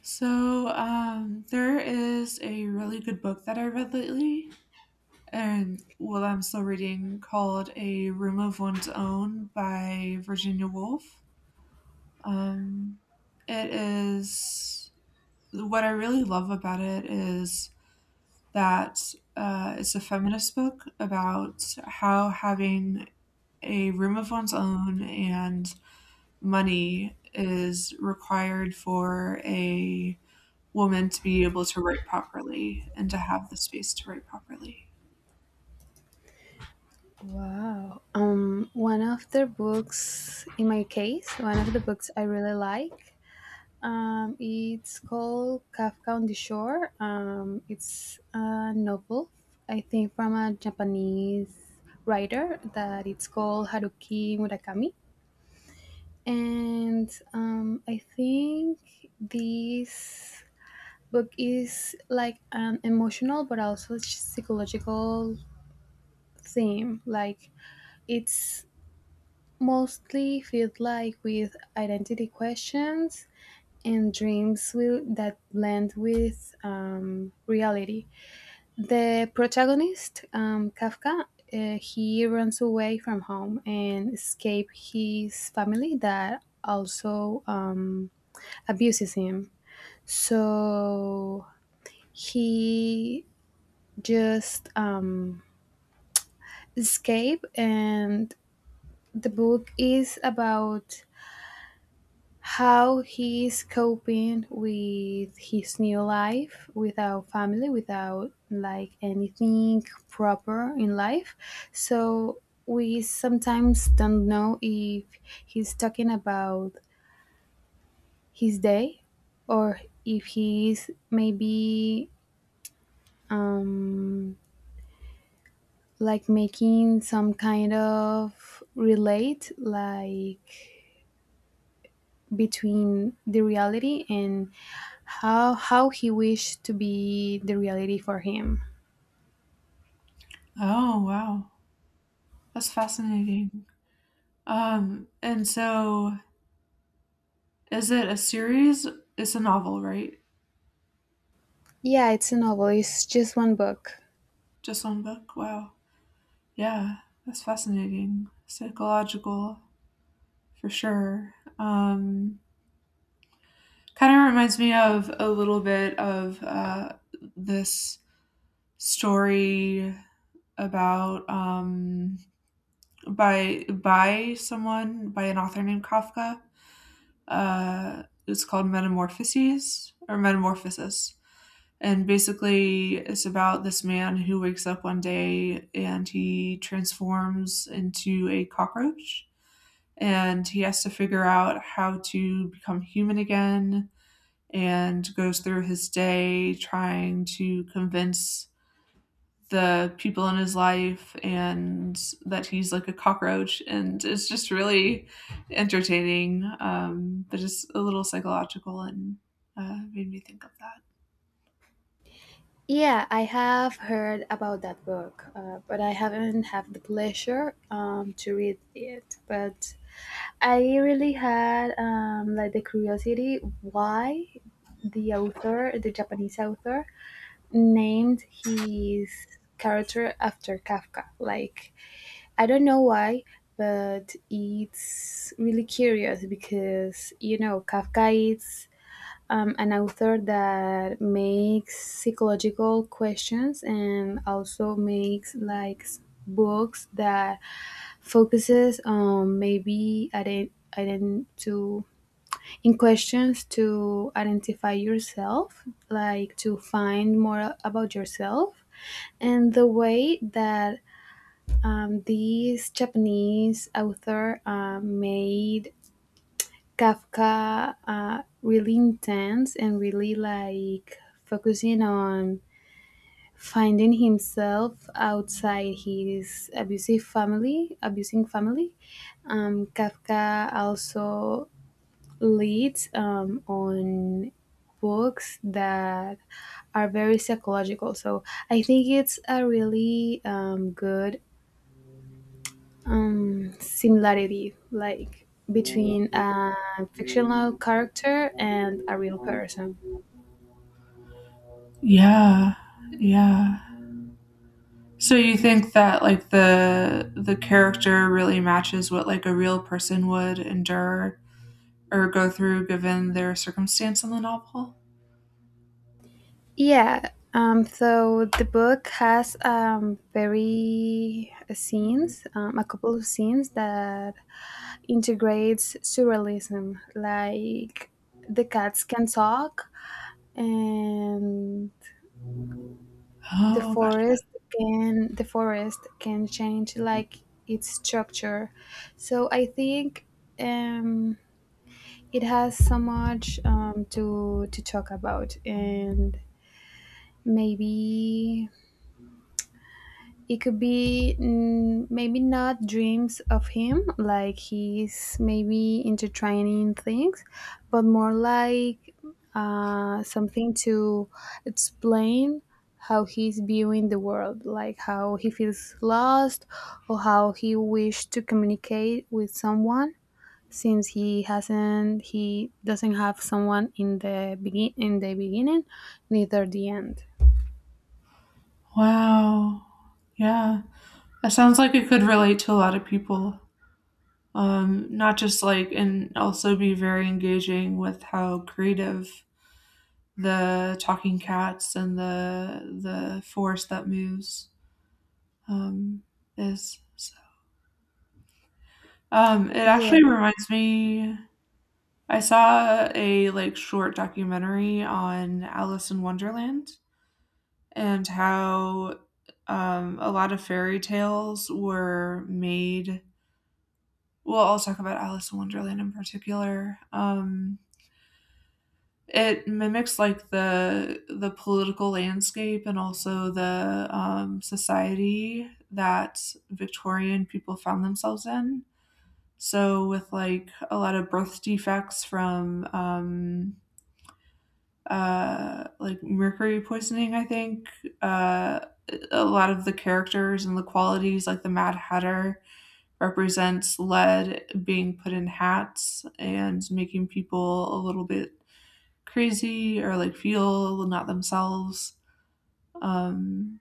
There is a really good book that I read lately, and, well, I'm still reading, called A Room of One's Own by Virginia Woolf. Um, it is what I really love about it is that it's a feminist book about how having a room of one's own and money is required for a woman to be able to write properly and to have the space to write properly. Wow. One of the books, in my case, one of the books I really like, it's called Kafka on the Shore. It's a novel, I think, from a Japanese writer that it's called Haruki Murakami. And I think this book is like an emotional but also psychological theme. Like it's mostly filled like with identity questions and that blend with reality. The protagonist, Kafka, he runs away from home and escape his family that also abuses him. So he just escape, and the book is about how he is coping with his new life without family, without like anything proper in life. So we sometimes don't know if he's talking about his day or if he's maybe um, like making some kind of relate, like between the reality and how he wished to be the reality for him. Oh, wow. That's fascinating. And so is it a series? It's a novel, right? Yeah, it's a novel. It's just one book. Just one book? Wow. Yeah, that's fascinating. Psychological, for sure. Kind of reminds me of a little bit of this story about by someone, by an author named Kafka. It's called Metamorphoses or Metamorphosis. And basically, it's about this man who wakes up one day and he transforms into a cockroach. And he has to figure out how to become human again, and goes through his day trying to convince the people in his life and that he's like a cockroach. And it's just really entertaining, but just a little psychological, and made me think of that. Yeah, I have heard about that book, but I haven't had the pleasure to read it. But I really had like the curiosity why the author, the Japanese author, named his character after Kafka. Like I don't know why, but it's really curious because you know Kafka is an author that makes psychological questions and also makes like books that focuses on maybe ident- ident- to in questions to identify yourself, like to find more about yourself. And the way that this Japanese author made Kafka really intense and really like focusing on finding himself outside his abusing family. Kafka also leads on books that are very psychological. So I think it's a really good similarity like between a fictional character and a real person. Yeah, yeah, so you think that like the character really matches what like a real person would endure or go through given their circumstance in the novel? Yeah, so the book has very scenes a couple of scenes that integrates surrealism like the cats can talk and the Oh, gotcha. forest the forest can change like its structure. So I think um it has so much to talk about, and maybe it could be maybe not dreams of him like he's maybe intertwining things, but more like something to explain how he's viewing the world, like how he feels lost or how he wished to communicate with someone since he doesn't have someone in the beginning, neither the end. Wow, yeah, that sounds like it could relate to a lot of people. Not just like, and also be very engaging with how creative the talking cats and the forest that moves um, is. So, it Yeah, actually reminds me. I saw a like short documentary on Alice in Wonderland and how a lot of fairy tales were made. Well, I'll talk about Alice in Wonderland in particular. It mimics like the political landscape and also the, society that Victorian people found themselves in. So with like a lot of birth defects from like mercury poisoning, I think uh, a lot of the characters and the qualities, like the Mad Hatter, represents lead being put in hats and making people a little bit crazy or like feel not themselves. Um,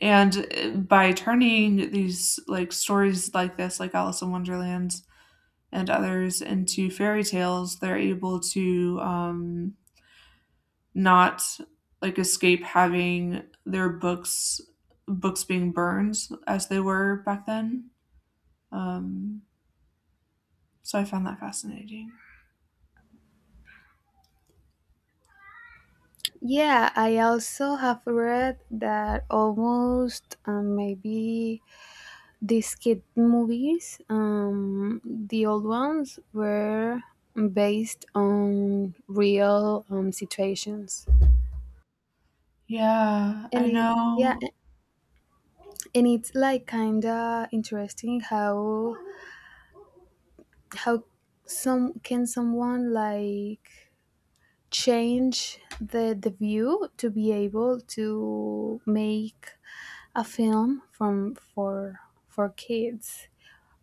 and by turning these like stories like this, like Alice in Wonderland and others, into fairy tales, they're able to, not like escape having their books being burned as they were back then. Um, so I found that fascinating. yeah, I also have read that almost maybe these kid movies the old ones were based on real situations. Yeah, And I it, yeah, know. and it's like kinda interesting how how some can someone like change the view to be able to make a film from for kids,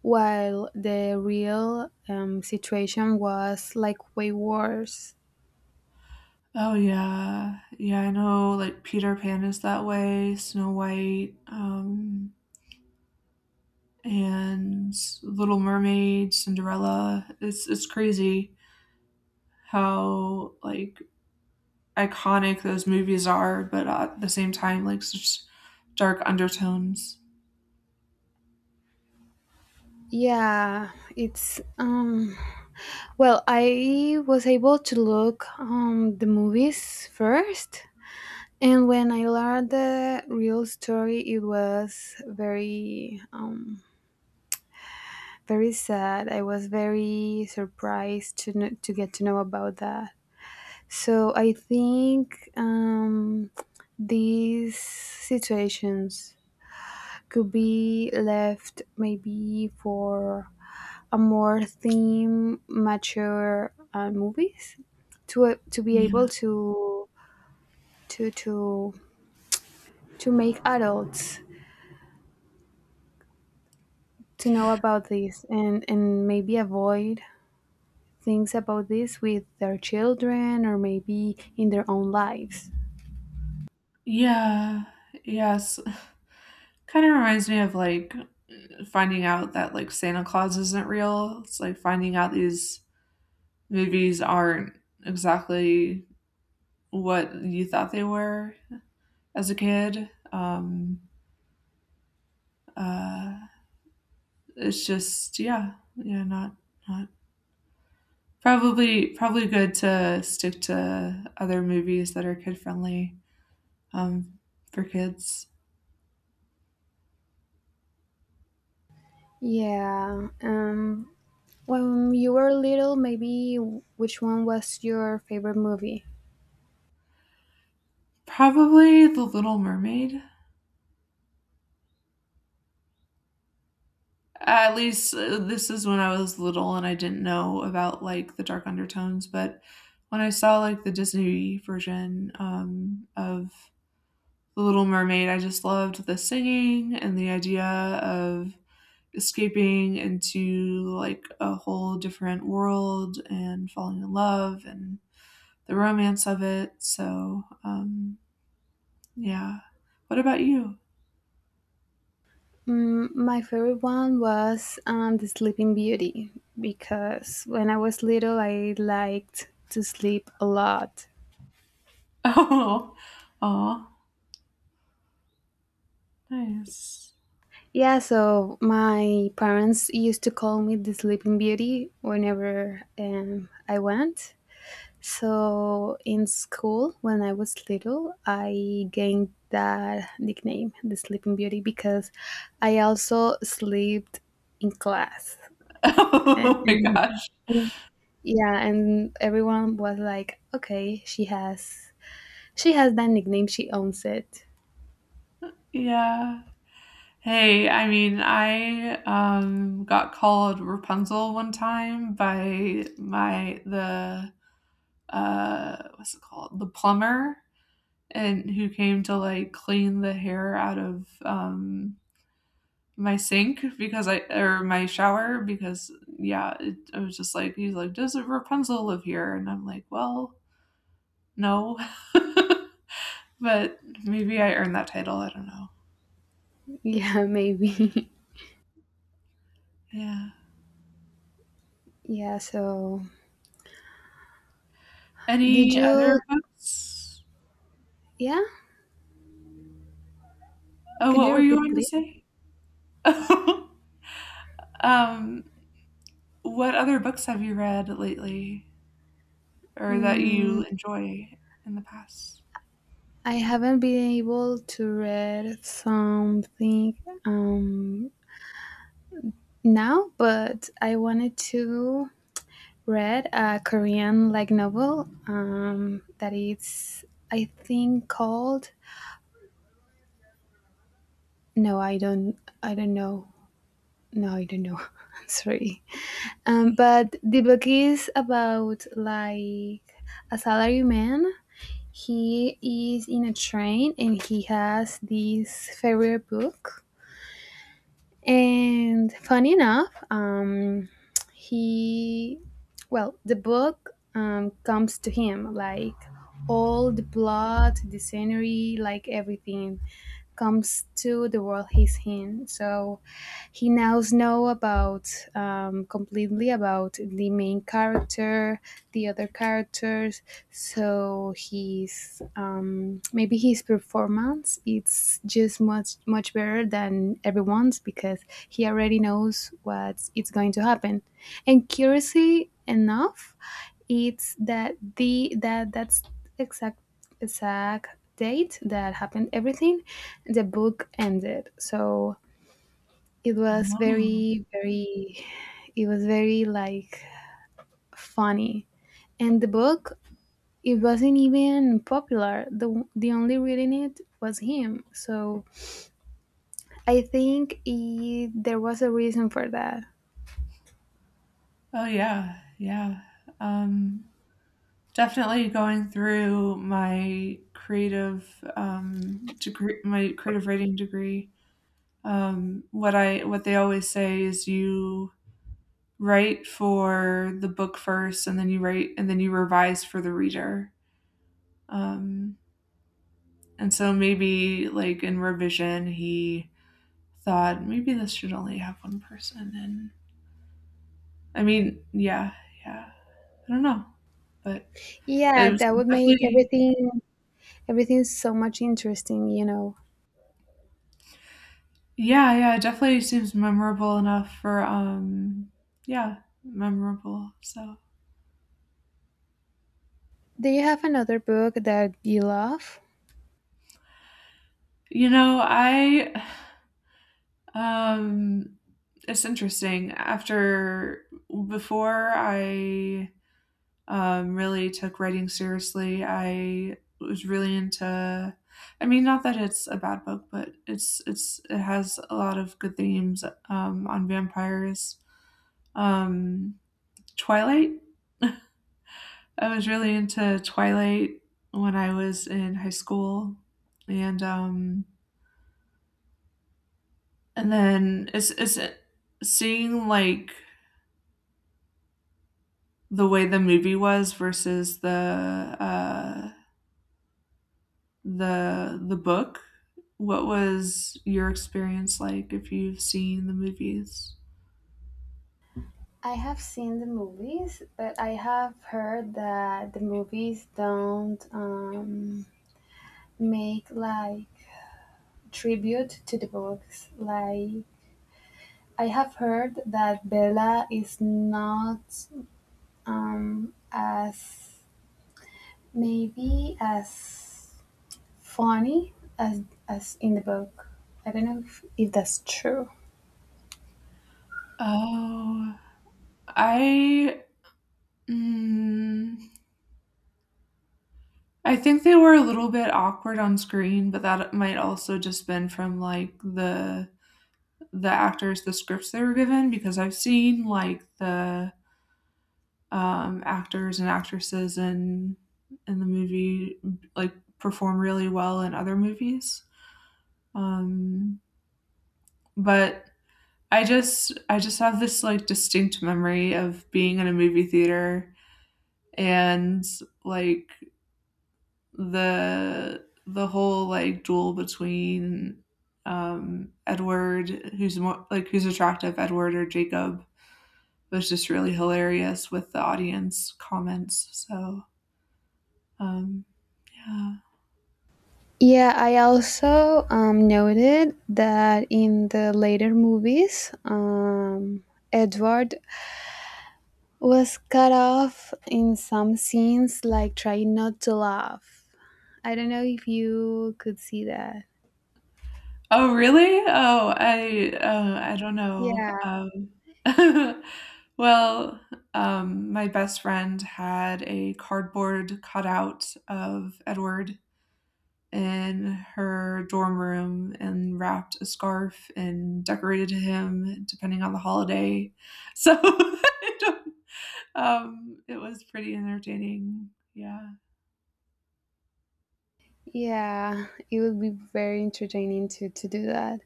while the real situation was like way worse. Oh, yeah. Yeah, I know, like, Peter Pan is that way, Snow White, and Little Mermaid, Cinderella. It's crazy how, like, iconic those movies are, but at the same time, like, such dark undertones. Yeah, it's well, I was able to look the movies first, and when I learned the real story, it was very very sad. I was very surprised to to get to know about that. So I think these situations could be left maybe for a more theme mature movies to be able Yeah. to to to make adults to know about this, and maybe avoid things about this with their children or maybe in their own lives. Yeah. Yes. Kinda reminds me of, like, finding out that, like, Santa Claus isn't real. It's like finding out these movies aren't exactly what you thought they were as a kid. Uh, it's just, yeah, yeah, not probably good to stick to other movies that are kid friendly, um, for kids. Yeah. When you were little, maybe which one was your favorite movie? Probably The Little Mermaid. At least this is when I was little and I didn't know about like the dark undertones, but when I saw like the Disney version of The Little Mermaid, I just loved the singing and the idea of escaping into like a whole different world and falling in love and the romance of it. So, yeah. What about you? Mm, my favorite one was The Sleeping Beauty because when I was little, I liked to sleep a lot. Oh, oh, nice. Yeah, so my parents used to call me the Sleeping Beauty whenever I went. So in school, when I was little, I gained that nickname, the Sleeping Beauty, because I also slept in class. And, Oh my and- gosh. yeah, and everyone was like, "Okay, she has that nickname. She owns it." Yeah. Hey, I mean, I got called Rapunzel one time by my the what's it called, the plumber, and who came to like clean the hair out of my sink because I, or my shower, because yeah, I was just like, he's like, "Does Rapunzel live here?" And I'm like, "Well, no." But maybe I earned that title, I don't know. Yeah, maybe. Yeah, Yeah. So did any you? other books? Yeah. Oh, Could what you were you repeat, going to please? say? um what other books have you read lately or that Mm, you enjoy in the past? I haven't been able to read something. Um, Now, but I wanted to read a Korean like novel that is I think called no I don't I don't know, no I don't know I'm sorry. But the book is about like a salaryman. He is in a train and he has this favorite book. And funny enough, he, well, the book comes to him like all the plot, the scenery, like everything comes to the world he's in. So he now know about completely about the main character, the other characters. So he's maybe his performance, it's just much better than everyone's because he already knows what it's going to happen. And curiously enough, it's that the that that's exact exact date that happened everything, the book ended. So it was Oh. very like funny. And the book, it wasn't even popular, the only reading it was him. So I think there was a reason for that. Oh, yeah, yeah. Um, Definitely going through my creative, degree my creative writing degree, what I, what they always say is, you write for the book first, and then you write, and then you revise for the reader. Um, and so maybe, like, in revision, he thought, "Maybe this should only have 1 person," and I mean, yeah, yeah. I don't know, but Yeah, it was that would make definitely, everything so much interesting, you know. yeah, yeah, it definitely seems memorable enough for, yeah, memorable, so Do you have another book that you love? you know, I, um, it's interesting, after before I, really took writing seriously, I was really into, I mean, not that it's a bad book, but it's it has a lot of good themes, on vampires. Um, Twilight? I was really into Twilight when I was in high school, and um, and then it's seeing like the way the movie was versus the book. What was your experience like if you've seen the movies? I have seen the movies, but I have heard that the movies don't make like tribute to the books. Like I have heard that Bella is not as maybe as funny as as in the book. I don't know if that's true. Oh, I, mm, I think they were a little bit awkward on screen, but that might also just been from like the actors, the scripts they were given, because I've seen like the, actors and actresses in the movie like perform really well in other movies. Um, but I just have this like distinct memory of being in a movie theater, and like the whole like duel between, Edward, who's more like, who's attractive, Edward or Jacob, it was just really hilarious with the audience comments. So, um, yeah. Yeah, I also noted that in the later movies, Edward was cut off in some scenes, like trying not to laugh. I don't know if you could see that. Oh, really? Oh, I, I don't know. Yeah, Well, my best friend had a cardboard cutout of Edward in her dorm room, and wrapped a scarf and decorated him depending on the holiday. So I don't- it was pretty entertaining. Yeah. yeah, it would be very entertaining to do that.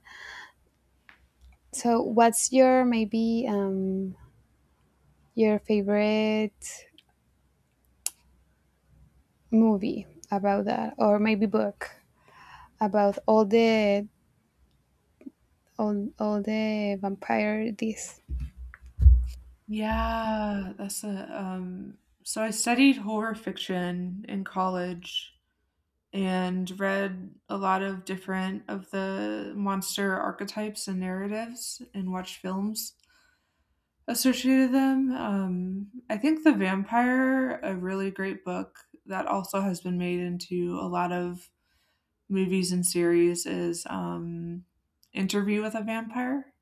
So, what's your maybe your favorite movie about that, or maybe book about all the all the vampire this? Yeah, that's a so I studied horror fiction in college and read a lot of different of the monster archetypes and narratives, and watched films associated with them. I think The Vampire, a really great book that also has been made into a lot of movies and series is Interview with a Vampire,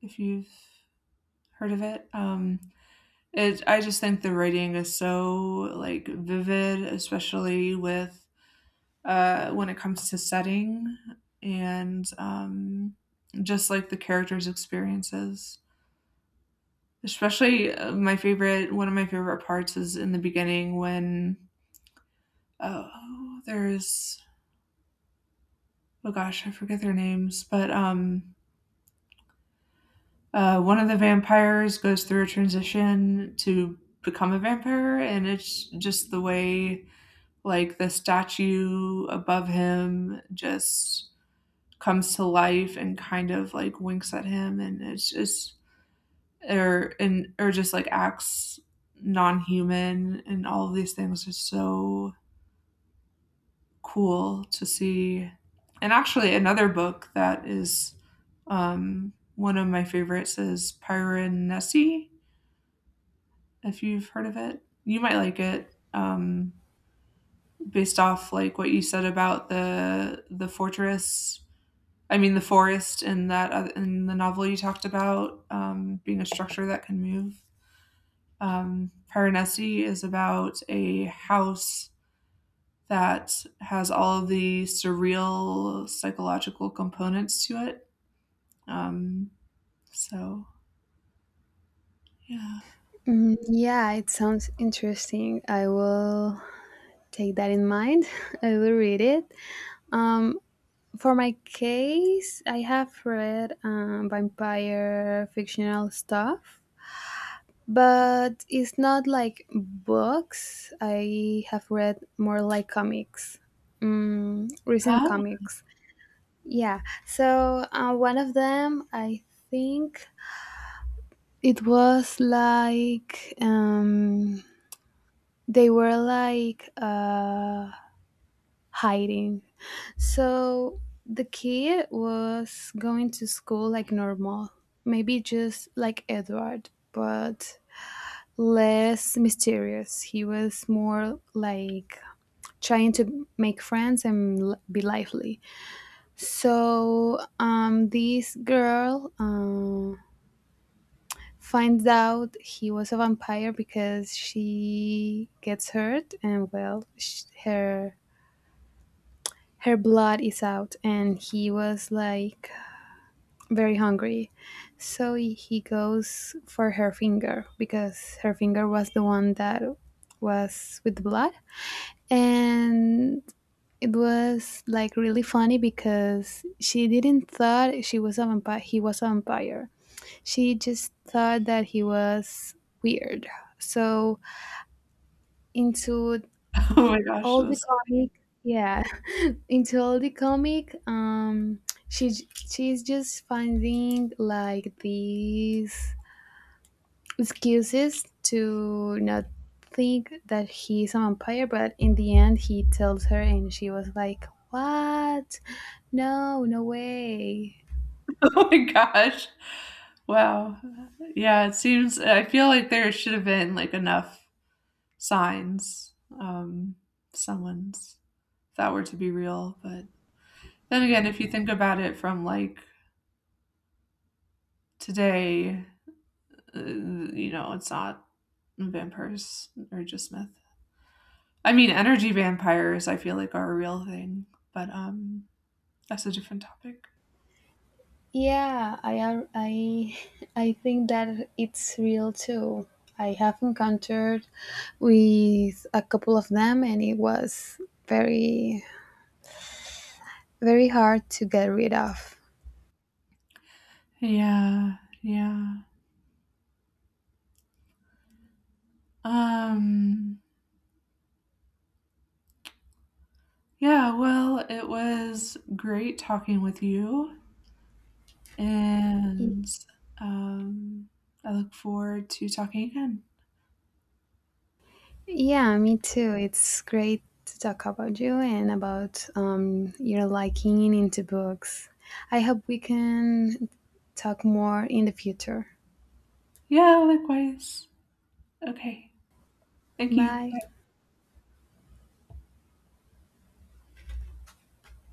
if you've heard of it. It, I just think the writing is so, like, vivid, especially with, when it comes to setting, and, just, like, the characters' experiences. Especially, my favorite one of my favorite parts is in the beginning when, oh, there's, oh gosh, I forget their names, but, one of the vampires goes through a transition to become a vampire, and it's just the way like the statue above him just comes to life and kind of like winks at him, and it's just, or, and or just like acts non-human, and all of these things are so cool to see. And actually, another book that is one of my favorites is Piranesi, if you've heard of it. You might like it, based off like what you said about the fortress I mean, the forest in that in the novel you talked about, being a structure that can move. Piranesi is about a house that has all of the surreal psychological components to it. Um, so, yeah. Mm, yeah, it sounds interesting. I will take that in mind. I will read it. Um, for my case, I have read vampire fictional stuff, but it's not like books. I have read more like comics, mm, recent Ah, comics. Yeah, so one of them, I think it was like they were like hiding. So the kid was going to school like normal, maybe just like Edward but less mysterious. He was more like trying to make friends and be lively. So this girl finds out he was a vampire because she gets hurt, and her her blood is out, and he was like very hungry. So he goes for her finger because her finger was the one that was with the blood, and it was like really funny because she didn't thought she was a vampire he was a vampire, she just thought that he was weird. So into oh my gosh! all the This, comic, yeah, into all the comic, she she's just finding like these excuses to not think that he's a vampire, but in the end he tells her and she was like, "What? No, no way." oh my gosh! Wow. Yeah, it seems. I feel like there should have been like enough signs, um, someone's, if that were to be real, but then again, if you think about it from like today, you know, it's not, vampires are just myth. I mean, energy vampires I feel like are a real thing, but that's a different topic. Yeah, I I I think that it's real too. I have encountered with a couple of them and it was very very hard to get rid of. Yeah, yeah. Um yeah, well, it was great talking with you, and um I look forward to talking again. Yeah, me too. It's great to talk about you and about your liking into books. I hope we can talk more in the future. Yeah, likewise. Okay. Thank you. Bye.